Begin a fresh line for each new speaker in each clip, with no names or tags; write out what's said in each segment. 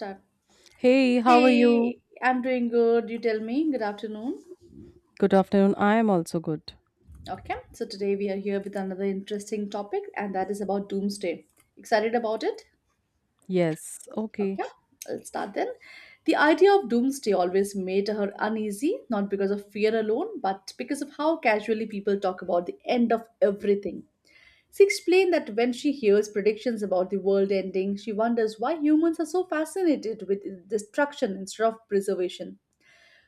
Start.
Hey, how are you?
Hey, I'm doing good. You tell me. Good afternoon.
Good afternoon. I am also good.
Okay, so today we are here with another interesting topic, and that is about doomsday. Excited about it?
Yes, okay.
Okay, let's start then. The idea of doomsday always made her uneasy, not because of fear alone, but because of how casually people talk about the end of everything. She explained that when she hears predictions about the world ending, she wonders why humans are so fascinated with destruction instead of preservation.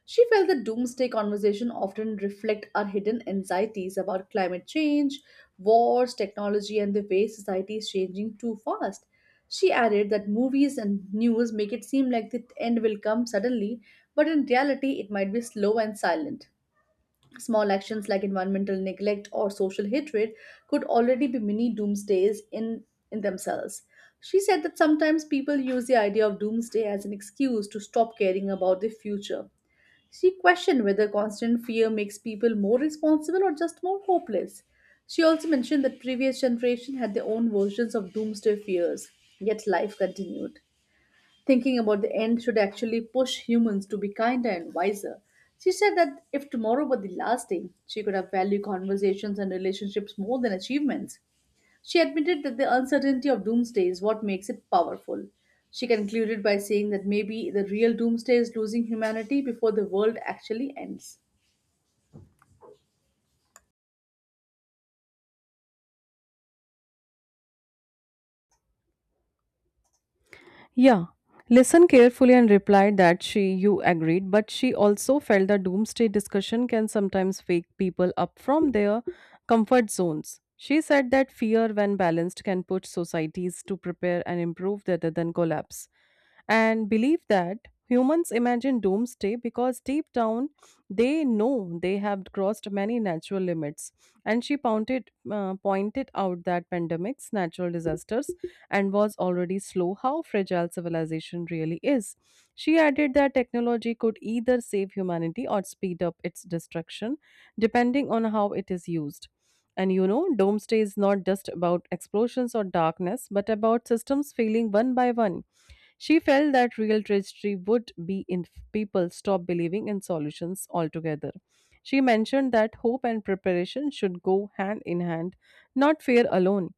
She felt the doomsday conversation often reflect our hidden anxieties about climate change, wars, technology, and the way society is changing too fast. She added that movies and news make it seem like the end will come suddenly, but in reality, it might be slow and silent. Small actions like environmental neglect or social hatred could already be mini doomsdays in themselves. She said that sometimes people use the idea of doomsday as an excuse to stop caring about the future. She questioned whether constant fear makes people more responsible or just more hopeless. She also mentioned that previous generation had their own versions of doomsday fears, yet life continued. Thinking about the end should actually push humans to be kinder and wiser. She said that if tomorrow were the last day, she could have valued conversations and relationships more than achievements. She admitted that the uncertainty of doomsday is what makes it powerful. She concluded by saying that maybe the real doomsday is losing humanity before the world actually ends.
Yeah. Listen carefully and replied that she you agreed, but she also felt the doomsday discussion can sometimes wake people up from their comfort zones. She said that fear, when balanced, can push societies to prepare and improve rather than collapse. And believe that humans imagine doomsday because deep down they know they have crossed many natural limits, and she pointed out that pandemics, natural disasters, and was already slow. How fragile civilization really is. She added that technology could either save humanity or speed up its destruction, depending on how it is used. And you know, doomsday is not just about explosions or darkness, but about systems failing one by one. She felt that real tragedy would be if people stop believing in solutions altogether. She mentioned that hope and preparation should go hand in hand, not fear alone.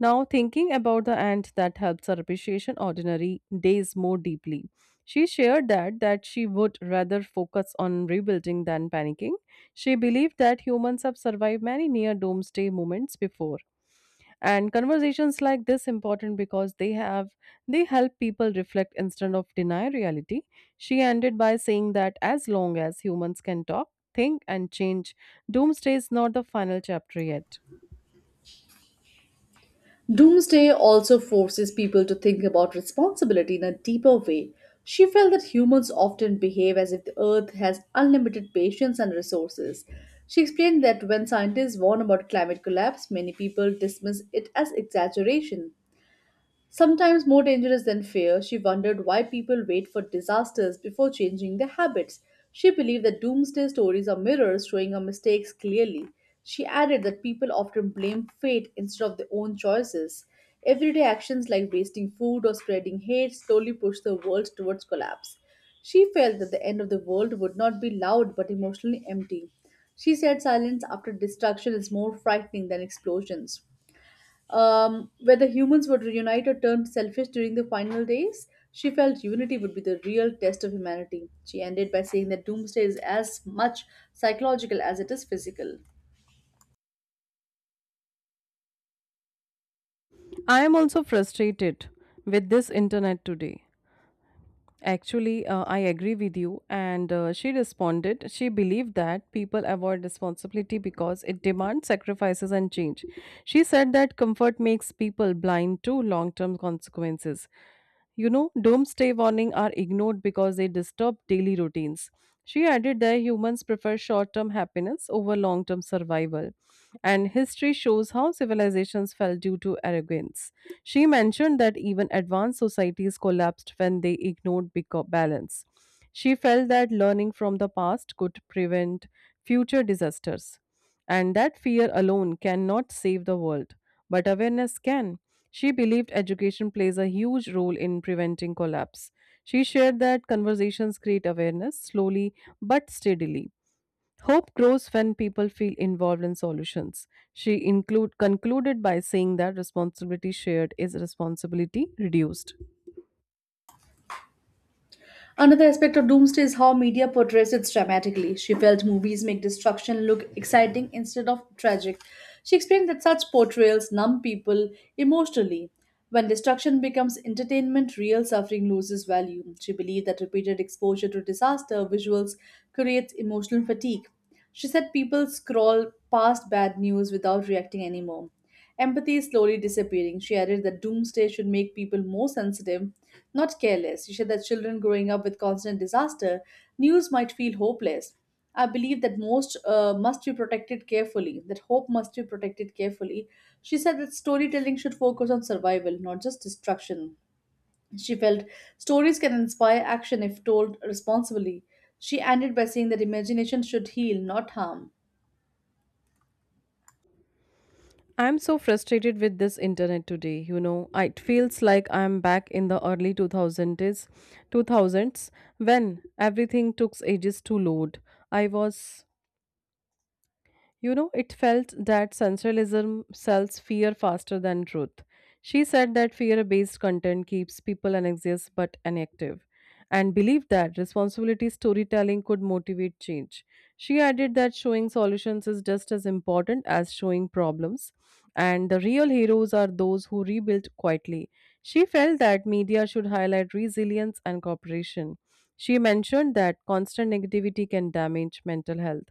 Now, thinking about the ant that helps her appreciation ordinary days more deeply. She shared that she would rather focus on rebuilding than panicking. She believed that humans have survived many near doomsday moments before. And conversations like this important because they help people reflect instead of deny reality. She ended by saying that as long as humans can talk, think and change, doomsday is not the final chapter yet.
Doomsday also forces people to think about responsibility in a deeper way. She felt that humans often behave as if the earth has unlimited patience and resources. She explained that when scientists warn about climate collapse, many people dismiss it as exaggeration. Sometimes more dangerous than fear, she wondered why people wait for disasters before changing their habits. She believed that doomsday stories are mirrors showing our mistakes clearly. She added that people often blame fate instead of their own choices. Everyday actions like wasting food or spreading hate slowly push the world towards collapse. She felt that the end of the world would not be loud but emotionally empty. She said silence after destruction is more frightening than explosions. Where the humans would reunite or turn selfish during the final days, she felt unity would be the real test of humanity. She ended by saying that doomsday is as much psychological as it is physical.
I am also frustrated with this internet today. Actually, I agree with you. And She responded, she believed that people avoid responsibility because it demands sacrifices and change. She said that comfort makes people blind to long term consequences. You know, doomsday warnings are ignored because they disturb daily routines. She added that humans prefer short term happiness over long term survival, and history shows how civilizations fell due to arrogance. She mentioned that even advanced societies collapsed when they ignored balance. She felt that learning from the past could prevent future disasters, and that fear alone cannot save the world but awareness can. She believed education plays a huge role in preventing collapse. She shared that conversations create awareness slowly but steadily. Hope grows when people feel involved in solutions. She concluded by saying that responsibility shared is responsibility reduced.
Another aspect of doomsday is how media portrays it dramatically. She felt movies make destruction look exciting instead of tragic. She explained that such portrayals numb people emotionally. When destruction becomes entertainment, real suffering loses value. She believed that repeated exposure to disaster visuals creates emotional fatigue. She said people scroll past bad news without reacting anymore. Empathy is slowly disappearing. She added that doomsday should make people more sensitive, not careless. She said that children growing up with constant disaster news might feel hopeless. I believe that most must be protected carefully, that hope must be protected carefully. She said that storytelling should focus on survival, not just destruction. She felt stories can inspire action if told responsibly. She ended by saying that imagination should heal, not harm.
I'm so frustrated with this internet today. You know, it feels like I'm back in the early 2000s when everything took ages to load. I was You know, it felt that sensationalism sells fear faster than truth. She said that fear based content keeps people anxious but inactive and believed that responsibility storytelling could motivate change. She added that showing solutions is just as important as showing problems, and the real heroes are those who rebuild quietly. She felt that media should highlight resilience and cooperation. She mentioned that constant negativity can damage mental health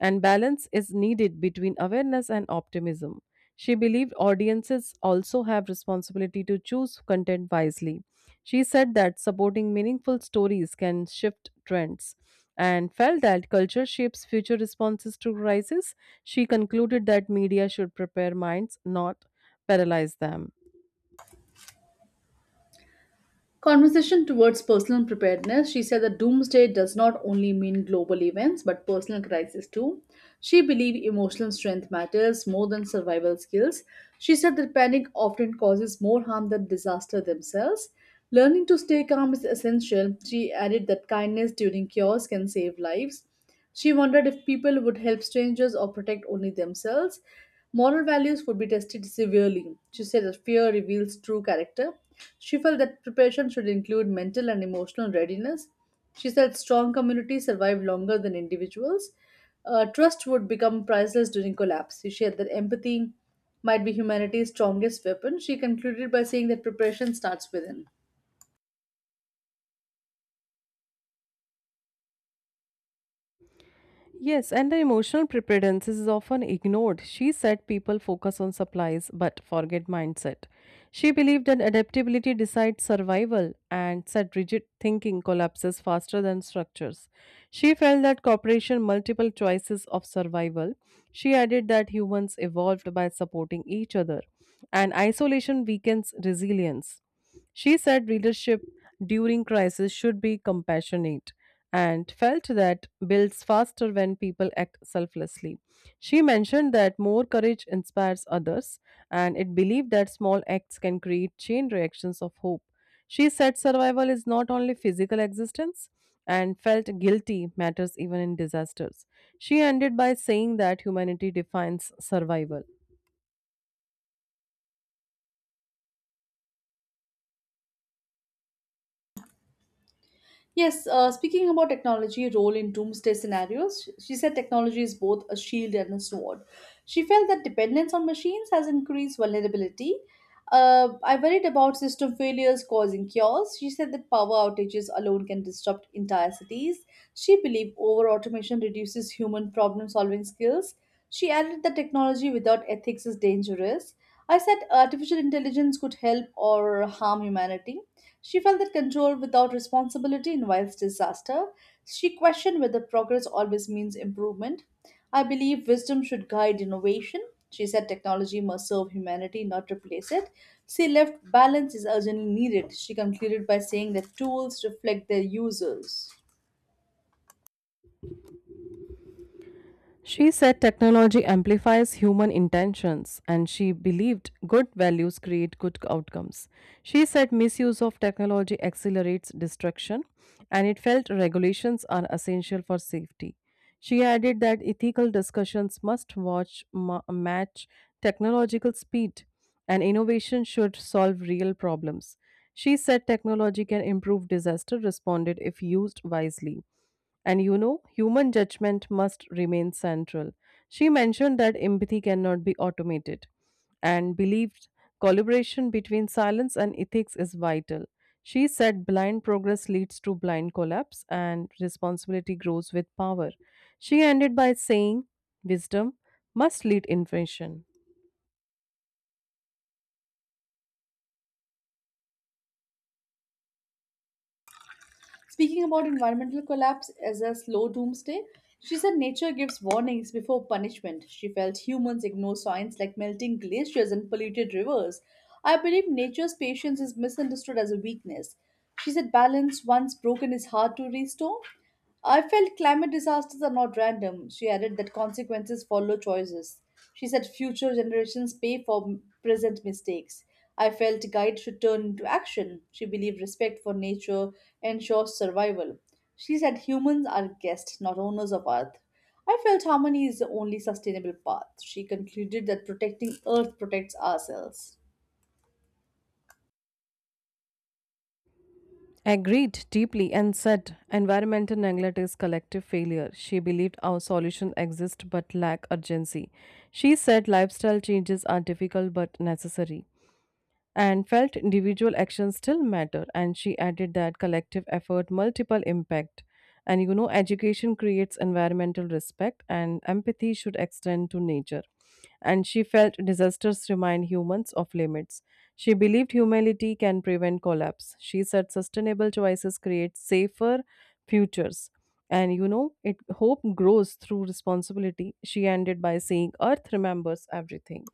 and balance is needed between awareness and optimism. She believed audiences also have responsibility to choose content wisely. She said that supporting meaningful stories can shift trends and felt that culture shapes future responses to crises. She concluded that media should prepare minds, not paralyze them.
Conversation towards personal preparedness. She said that doomsday does not only mean global events but personal crisis too. She believed emotional strength matters more than survival skills. She said that panic often causes more harm than disaster themselves. Learning to stay calm is essential. She added that kindness during chaos can save lives. She wondered if people would help strangers or protect only themselves. Moral values would be tested severely. She said that fear reveals true character. She felt that preparation should include mental and emotional readiness. She said strong communities survive longer than individuals. Trust would become priceless during collapse. She shared that empathy might be humanity's strongest weapon. She concluded by saying that preparation starts within.
Yes, and the emotional preparedness is often ignored. She said people focus on supplies but forget mindset. She believed that adaptability decides survival and said rigid thinking collapses faster than structures. She felt that cooperation multiple choices of survival. She added that humans evolved by supporting each other and isolation weakens resilience. She said leadership during crisis should be compassionate and felt that builds faster when people act selflessly. She mentioned that more courage inspires others and it believed that small acts can create chain reactions of hope. She said survival is not only physical existence and felt guilty matters even in disasters. She ended by saying that humanity defines survival.
Yes, speaking about technology role in doomsday scenarios, she said technology is both a shield and a sword. She felt that dependence on machines has increased vulnerability. I worried about system failures causing chaos. She said that power outages alone can disrupt entire cities. She believed over automation reduces human problem solving skills. She added that technology without ethics is dangerous. I said artificial intelligence could help or harm humanity. She felt that control without responsibility invites disaster. She questioned whether progress always means improvement. I believe wisdom should guide innovation. She said technology must serve humanity, not replace it. She left balance is urgently needed. She concluded by saying that tools reflect their users.
She said technology amplifies human intentions and she believed good values create good outcomes. She said misuse of technology accelerates destruction and it felt regulations are essential for safety. She added that ethical discussions must match technological speed and innovation should solve real problems. She said technology can improve disaster responded if used wisely. And you know, human judgment must remain central. She mentioned that empathy cannot be automated and believed collaboration between silence and ethics is vital. She said blind progress leads to blind collapse and responsibility grows with power. She ended by saying, wisdom must lead invention.
Speaking about environmental collapse as a slow doomsday, she said nature gives warnings before punishment. She felt humans ignore signs like melting glaciers and polluted rivers. I believe nature's patience is misunderstood as a weakness. She said balance once broken is hard to restore. I felt climate disasters are not random. She added that consequences follow choices. She said future generations pay for present mistakes. I felt guide should turn into action. She believed respect for nature ensures survival. She said humans are guests, not owners of Earth. I felt harmony is the only sustainable path. She concluded that protecting Earth protects ourselves.
Agreed deeply and said environmental neglect is collective failure. She believed our solution exists but lack urgency. She said lifestyle changes are difficult but necessary and felt individual actions still matter and she added that collective effort multiple impact and you know education creates environmental respect and empathy should extend to nature and she felt disasters remind humans of limits. She believed humanity can prevent collapse. She said sustainable choices create safer futures and you know it hope grows through responsibility. She ended by saying earth remembers everything.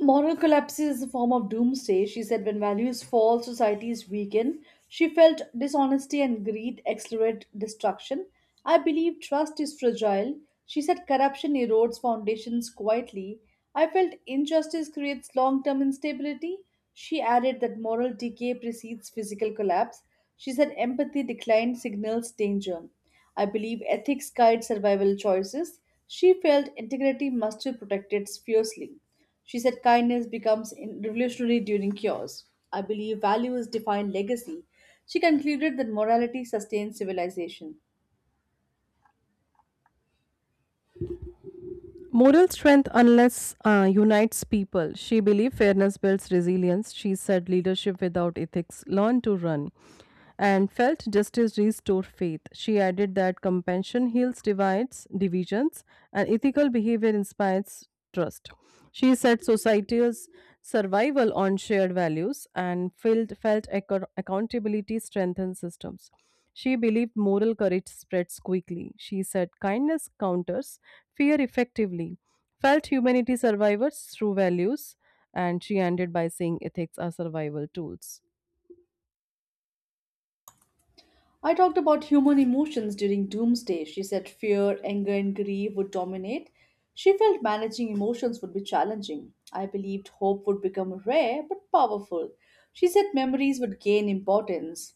Moral collapse is a form of doomsday, she said. When values fall, societies weaken. She felt dishonesty and greed accelerate destruction. I believe trust is fragile. She said corruption erodes foundations quietly. I felt injustice creates long term instability. She added that moral decay precedes physical collapse. She said empathy declined signals danger. I believe ethics guide survival choices. She felt integrity must be protected fiercely. She said kindness becomes revolutionary during cures. I believe values define legacy. She concluded that morality sustains civilization.
Moral strength, unless unites people. She believes fairness builds resilience. She said leadership without ethics learn to run and felt justice restore faith. She added that compassion heals divisions, and ethical behavior inspires trust. She said society's survival on shared values and accountability strengthens systems. She believed moral courage spreads quickly. She said kindness counters fear effectively. Felt humanity survivors through values. And she ended by saying ethics are survival tools.
I talked about human emotions during doomsday. She said fear, anger, and grief would dominate. She felt managing emotions would be challenging. I believed hope would become rare but powerful. She said memories would gain importance.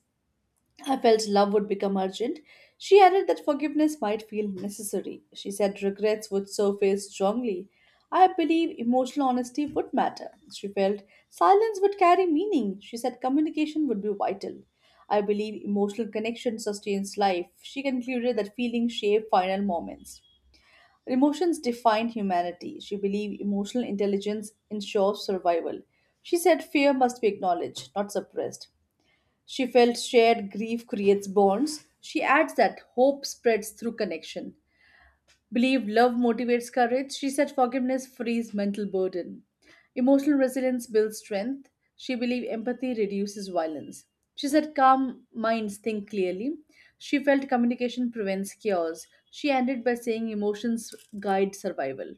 I felt love would become urgent. She added that forgiveness might feel necessary. She said regrets would surface strongly. I believe emotional honesty would matter. She felt silence would carry meaning. She said communication would be vital. I believe emotional connection sustains life. She concluded that feelings shape final moments. Emotions define humanity. She believed emotional intelligence ensures survival. She said fear must be acknowledged, not suppressed. She felt shared grief creates bonds. She adds that hope spreads through connection. Believe love motivates courage. She said forgiveness frees mental burden. Emotional resilience builds strength. She believed empathy reduces violence. She said calm minds think clearly. She felt communication prevents chaos. She ended by saying emotions guide survival.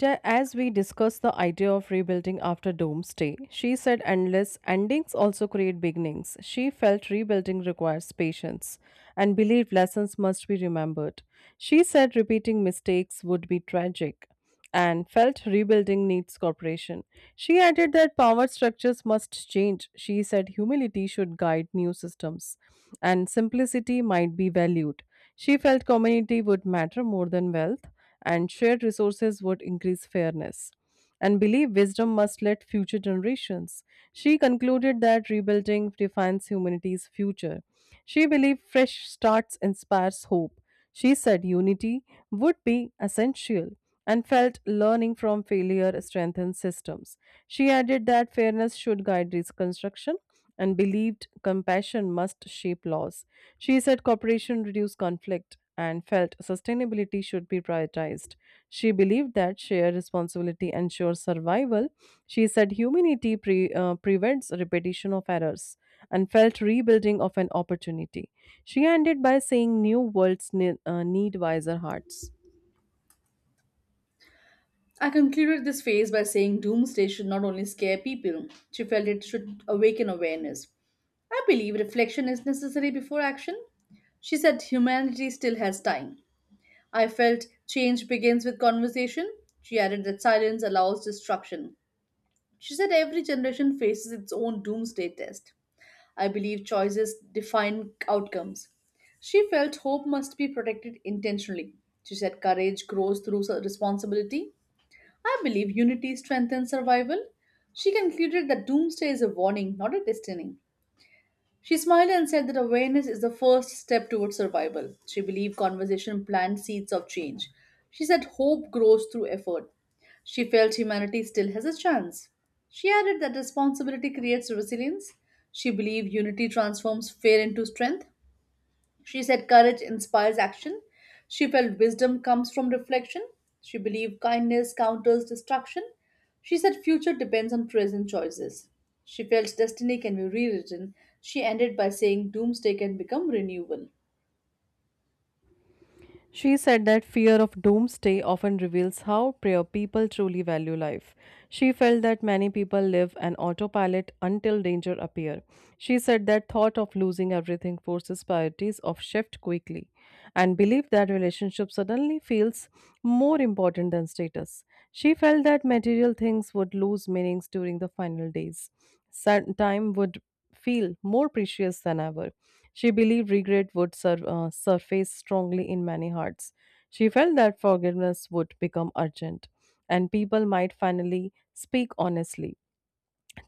As we discussed the idea of rebuilding after doomsday, she said endless endings also create beginnings. She felt rebuilding requires patience and believed lessons must be remembered. She said repeating mistakes would be tragic and felt rebuilding needs cooperation. She added that power structures must change. She said humility should guide new systems and simplicity might be valued. She felt community would matter more than wealth and shared resources would increase fairness. And believe wisdom must let future generations. She concluded that rebuilding defines humanity's future. She believed fresh starts inspires hope. She said unity would be essential and felt learning from failure strengthens systems. She added that fairness should guide reconstruction and believed compassion must shape laws. She said cooperation reduced conflict and felt sustainability should be prioritized. She believed that shared responsibility ensures survival. She said prevents repetition of errors and felt rebuilding of an opportunity. She ended by saying new worlds need wiser hearts.
I concluded this phase by saying doomsday should not only scare people, she felt it should awaken awareness. I believe reflection is necessary before action. She said humanity still has time. I felt change begins with conversation. She added that silence allows destruction. She said every generation faces its own doomsday test. I believe choices define outcomes. She felt hope must be protected intentionally. She said courage grows through responsibility. I believe unity strengthens survival. She concluded that doomsday is a warning, not a destiny. She smiled and said that awareness is the first step towards survival. She believed conversation plants seeds of change. She said hope grows through effort. She felt humanity still has a chance. She added that responsibility creates resilience. She believed unity transforms fear into strength. She said courage inspires action. She felt wisdom comes from reflection. She believed kindness counters destruction. She said future depends on present choices. She felt destiny can be rewritten. She ended by saying doomsday can become renewal.
She said that fear of doomsday often reveals how prayer people truly value life. She felt that many people live an autopilot until danger appear. She said that thought of losing everything forces priorities of shift quickly and believed that relationship suddenly feels more important than status. She felt that material things would lose meanings during the final days. Time would feel more precious than ever. She believed regret would surface strongly in many hearts. She felt that forgiveness would become urgent and people might finally speak honestly.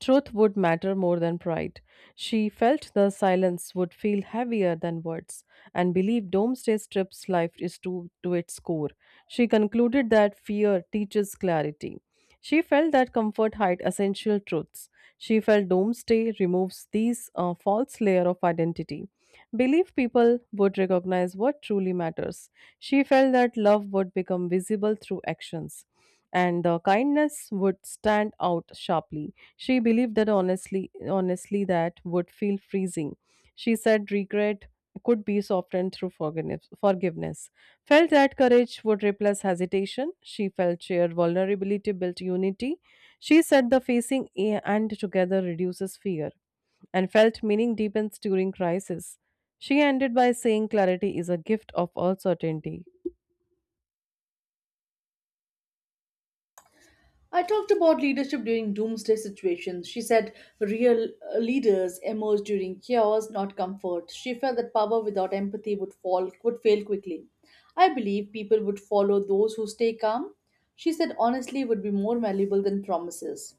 Truth would matter more than pride. She felt the silence would feel heavier than words and believed Domesday strips life is to its core. She concluded that fear teaches clarity. She felt that comfort hide essential truths. She felt Domesday removes these false layer of identity. Belief people would recognize what truly matters. She felt that love would become visible through actions and the kindness would stand out sharply. She believed that honestly, that would feel freezing. She said regret could be softened through forgiveness. Felt that courage would replace hesitation. She felt shared vulnerability built unity. She said the and together reduces fear and felt meaning deepens during crisis. She ended by saying clarity is a gift of all certainty.
I talked about leadership during doomsday situations. She said real leaders emerge during chaos, not comfort. She felt that power without empathy would fail quickly. I believe people would follow those who stay calm. She said honestly would be more valuable than promises.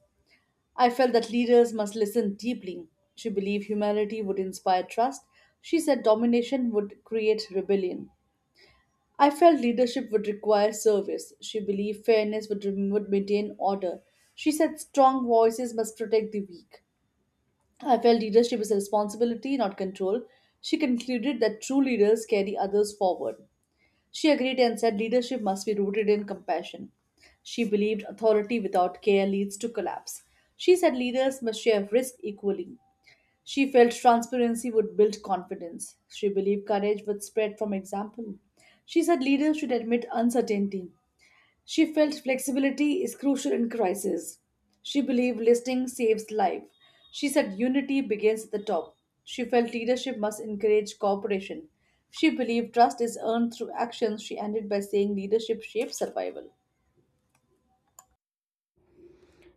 I felt that leaders must listen deeply. She believed humanity would inspire trust. She said domination would create rebellion. I felt leadership would require service. She believed would maintain order. She said strong voices must protect the weak. I felt leadership is a responsibility, not control. She concluded that true leaders carry others forward. She agreed and said leadership must be rooted in compassion. She believed authority without care leads to collapse. She said leaders must share risk equally. She felt transparency would build confidence. She believed courage would spread from example. She said leaders should admit uncertainty. She felt flexibility is crucial in crisis. She believed listening saves life. She said unity begins at the top. She felt leadership must encourage cooperation. She believed trust is earned through actions. She ended by saying leadership shapes survival.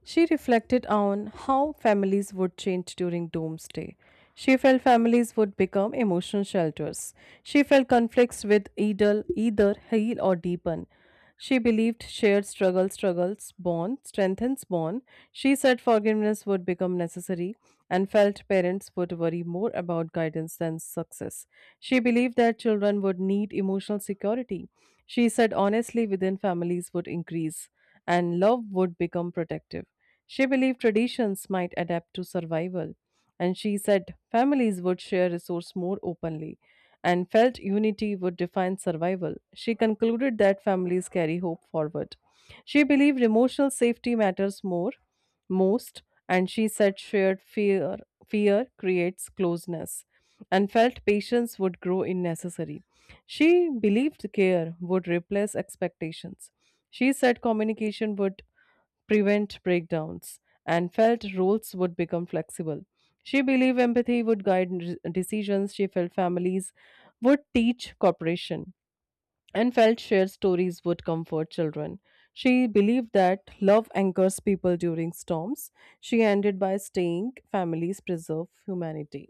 She reflected on how families would change during doomsday. She felt families would become emotional shelters. She felt conflicts with either heal or deepen. She believed shared struggles bond strengthens bond. She said forgiveness would become necessary and felt parents would worry more about guidance than success. She believed that children would need emotional security. She said honestly within families would increase and love would become protective. She believed traditions might adapt to survival, and she said families would share resources more openly and felt unity would define survival. She concluded that families carry hope forward. She believed emotional safety matters most, and she said shared fear creates closeness and felt patience would grow in necessary. She believed care would replace expectations. She said communication would prevent breakdowns and felt roles would become flexible. She believed empathy would decisions. She felt families would teach cooperation and felt shared stories would comfort children. She believed that love anchors people during storms. She ended by saying families preserve humanity.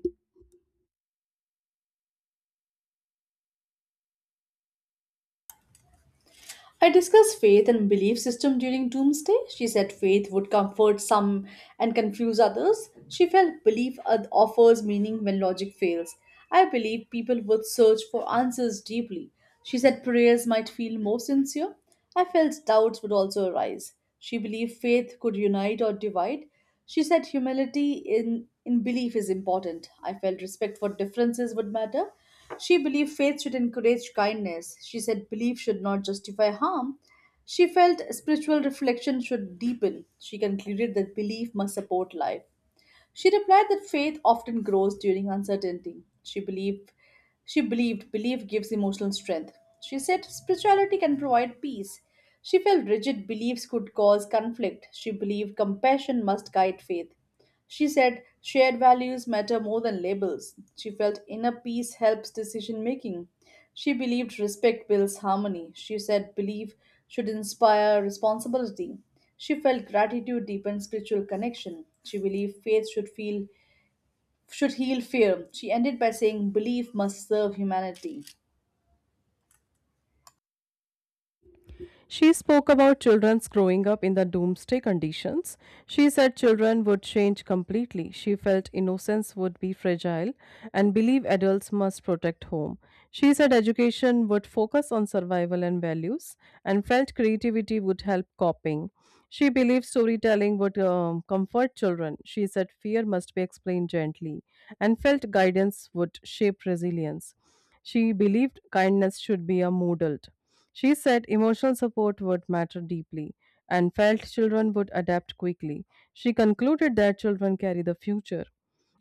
I discussed faith and belief system during doomsday. She said faith would comfort some and confuse others. She felt belief offers meaning when logic fails. I believe people would search for answers deeply. She said prayers might feel more sincere. I felt doubts would also arise. She believed faith could unite or divide. She said humility in belief is important. I felt respect for differences would matter. She believed faith should encourage kindness. She said belief should not justify harm. She felt spiritual reflection should deepen. She concluded that belief must support life. She replied that faith often grows during uncertainty. She believed belief gives emotional strength. She said spirituality can provide peace. She felt rigid beliefs could cause conflict. She believed compassion must guide faith. She said shared values matter more than labels. She felt inner peace helps decision making. She believed respect builds harmony. She said belief should inspire responsibility. She felt gratitude deepens spiritual connection. She believed faith should heal fear. She ended by saying belief must serve humanity.
She spoke about children's growing up in the doomsday conditions. She said children would change completely. She felt innocence would be fragile and believe adults must protect home. She said education would focus on survival and values and felt creativity would help coping. She believed storytelling would comfort children. She said fear must be explained gently and felt guidance would shape resilience. She believed kindness should be a modaled. She said emotional support would matter deeply and felt children would adapt quickly. She concluded that children carry the future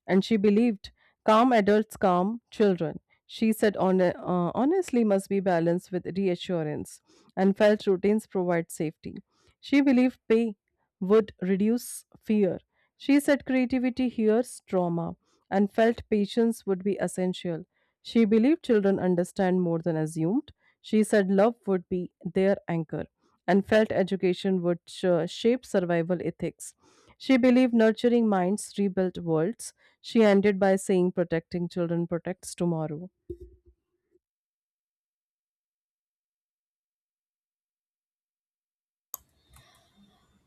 and she believed calm adults calm children. She said honestly must be balanced with reassurance and felt routines provide safety. She believed pay would reduce fear. She said creativity hears trauma and felt patience would be essential. She believed children understand more than assumed. She said love would be their anchor and felt education would shape survival ethics. She believed nurturing minds rebuilt worlds. She ended by saying protecting children protects tomorrow.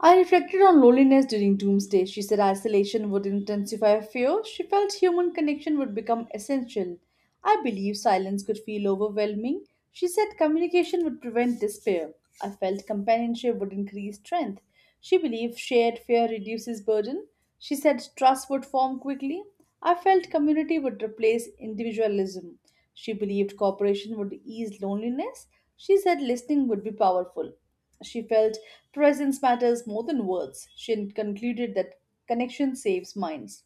I reflected on loneliness during Doomsday. She said isolation would intensify fear. She felt human connection would become essential. I believe silence could feel overwhelming. She said communication would prevent despair. I felt companionship would increase strength. She believed shared fear reduces burden. She said trust would form quickly. I felt community would replace individualism. She believed cooperation would ease loneliness. She said listening would be powerful. She felt presence matters more than words. She concluded that connection saves minds.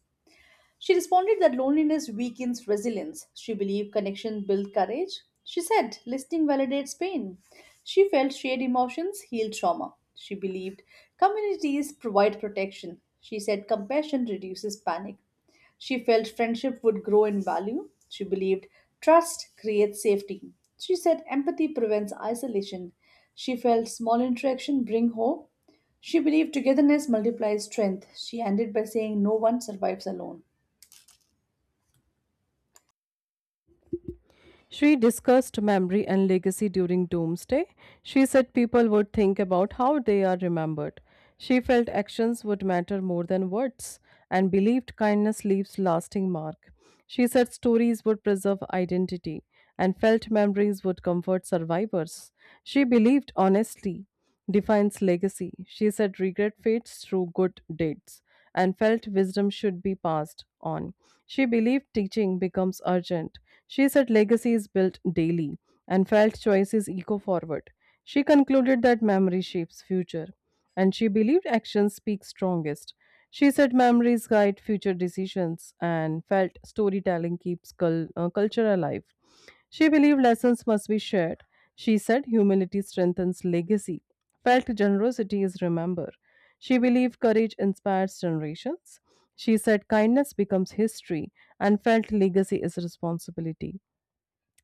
She responded that loneliness weakens resilience. She believed connection built courage. She said listening validates pain. She felt shared emotions heal trauma. She believed communities provide protection. She said compassion reduces panic. She felt friendship would grow in value. She believed trust creates safety. She said empathy prevents isolation. She felt small interaction bring hope. She believed togetherness multiplies strength. She ended by saying no one survives alone.
She discussed memory and legacy during Doomsday. She said people would think about how they are remembered. She felt actions would matter more than words and believed kindness leaves lasting mark. She said stories would preserve identity and felt memories would comfort survivors. She believed honesty defines legacy. She said regret fades through good deeds and felt wisdom should be passed on. She believed teaching becomes urgent. She said legacy is built daily and felt choice is eco forward. She concluded that memory shapes future and she believed actions speak strongest. She said memories guide future decisions and felt storytelling keeps culture alive. She believed lessons must be shared. She said humility strengthens legacy felt generosity is remember. She believed courage inspires generations. She said kindness becomes history and felt legacy is responsibility.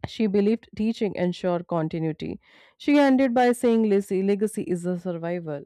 She believed teaching ensured continuity. She ended by saying legacy is a survival.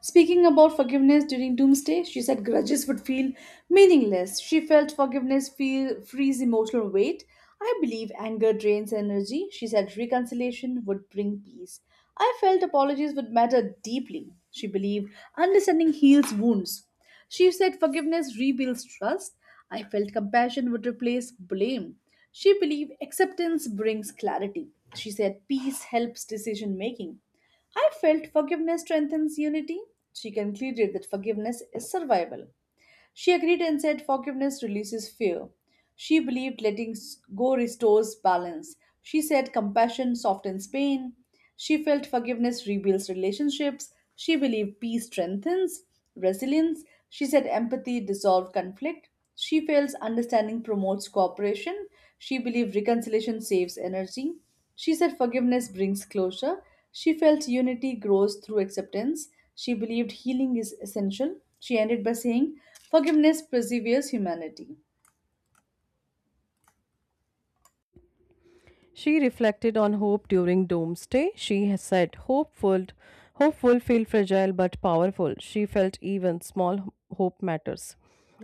Speaking about forgiveness during Doomsday, she said grudges would feel meaningless. She felt forgiveness feel frees emotional weight. I believe anger drains energy. She said reconciliation would bring peace. I felt apologies would matter deeply. She believed understanding heals wounds. She said forgiveness rebuilds trust. I felt compassion would replace blame. She believed acceptance brings clarity. She said peace helps decision making. I felt forgiveness strengthens unity. She concluded that forgiveness is survival. She agreed and said forgiveness releases fear. She believed letting go restores balance. She said compassion softens pain. She felt forgiveness rebuilds relationships. She believed peace strengthens resilience. She said empathy dissolves conflict. She feels understanding promotes cooperation. She believed reconciliation saves energy. She said forgiveness brings closure. She felt unity grows through acceptance. She believed healing is essential. She ended by saying, "Forgiveness preserves humanity."
She reflected on hope during Doomsday. She has said, hopeful feel fragile but powerful. She felt even small hope matters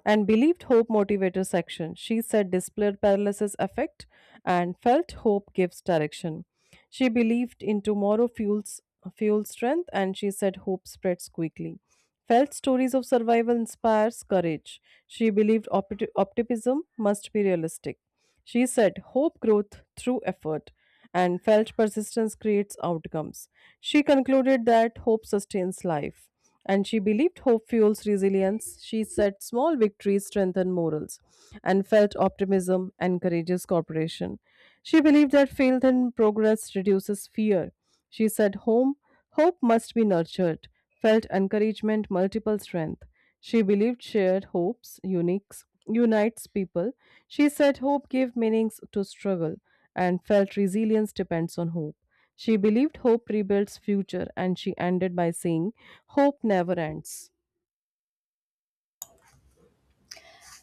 and believed hope motivated action. She said, displayed paralysis affect and felt hope gives direction. She believed in tomorrow fuel strength and she said hope spreads quickly. Felt stories of survival inspires courage. She believed optimism must be realistic. She said hope growth through effort and felt persistence creates outcomes. She concluded that hope sustains life and she believed hope fuels resilience. She said small victories strengthen morals and felt optimism encourages cooperation. She believed that faith in progress reduces fear. She said hope must be nurtured, felt encouragement multiple strength. She believed shared hopes unites people. She said hope gave meanings to struggle and felt resilience depends on hope. She believed hope rebuilds future, and she ended by saying, hope never ends.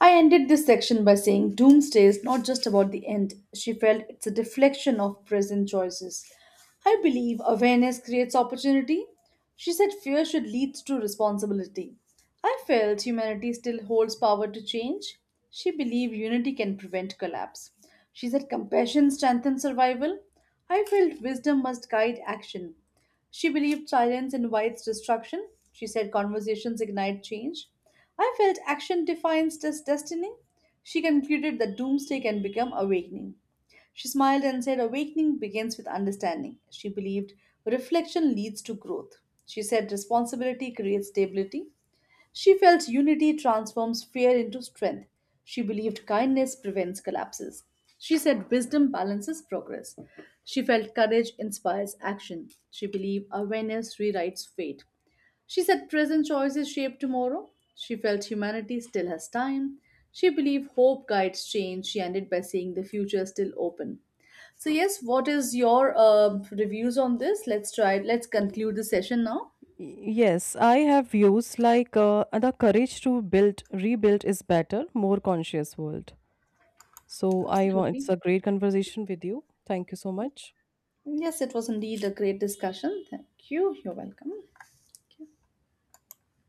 I ended this section by saying Doomsday is not just about the end. She felt it's a deflection of present choices. I believe awareness creates opportunity. She said fear should lead to responsibility. I felt humanity still holds power to change. She believed unity can prevent collapse. She said compassion strengthens survival. I felt wisdom must guide action. She believed silence invites destruction. She said conversations ignite change. I felt action defines this destiny. She concluded that doomsday can become awakening. She smiled and said, "Awakening begins with understanding." She believed reflection leads to growth. She said responsibility creates stability. She felt unity transforms fear into strength. She believed kindness prevents collapses. She said wisdom balances progress. She felt courage inspires action. She believed awareness rewrites fate. She said present choices shape tomorrow. She felt humanity still has time. She believed hope guides change. She ended by saying the future is still open. So yes, what is your reviews on this? Let's try. Let's conclude the session now.
Yes, I have views like the courage to rebuild is better, more conscious world. So I want it's
Absolutely.
a great conversation with you. Thank you so much.
Yes, it was indeed a great discussion. Thank you. You're welcome. Thank you.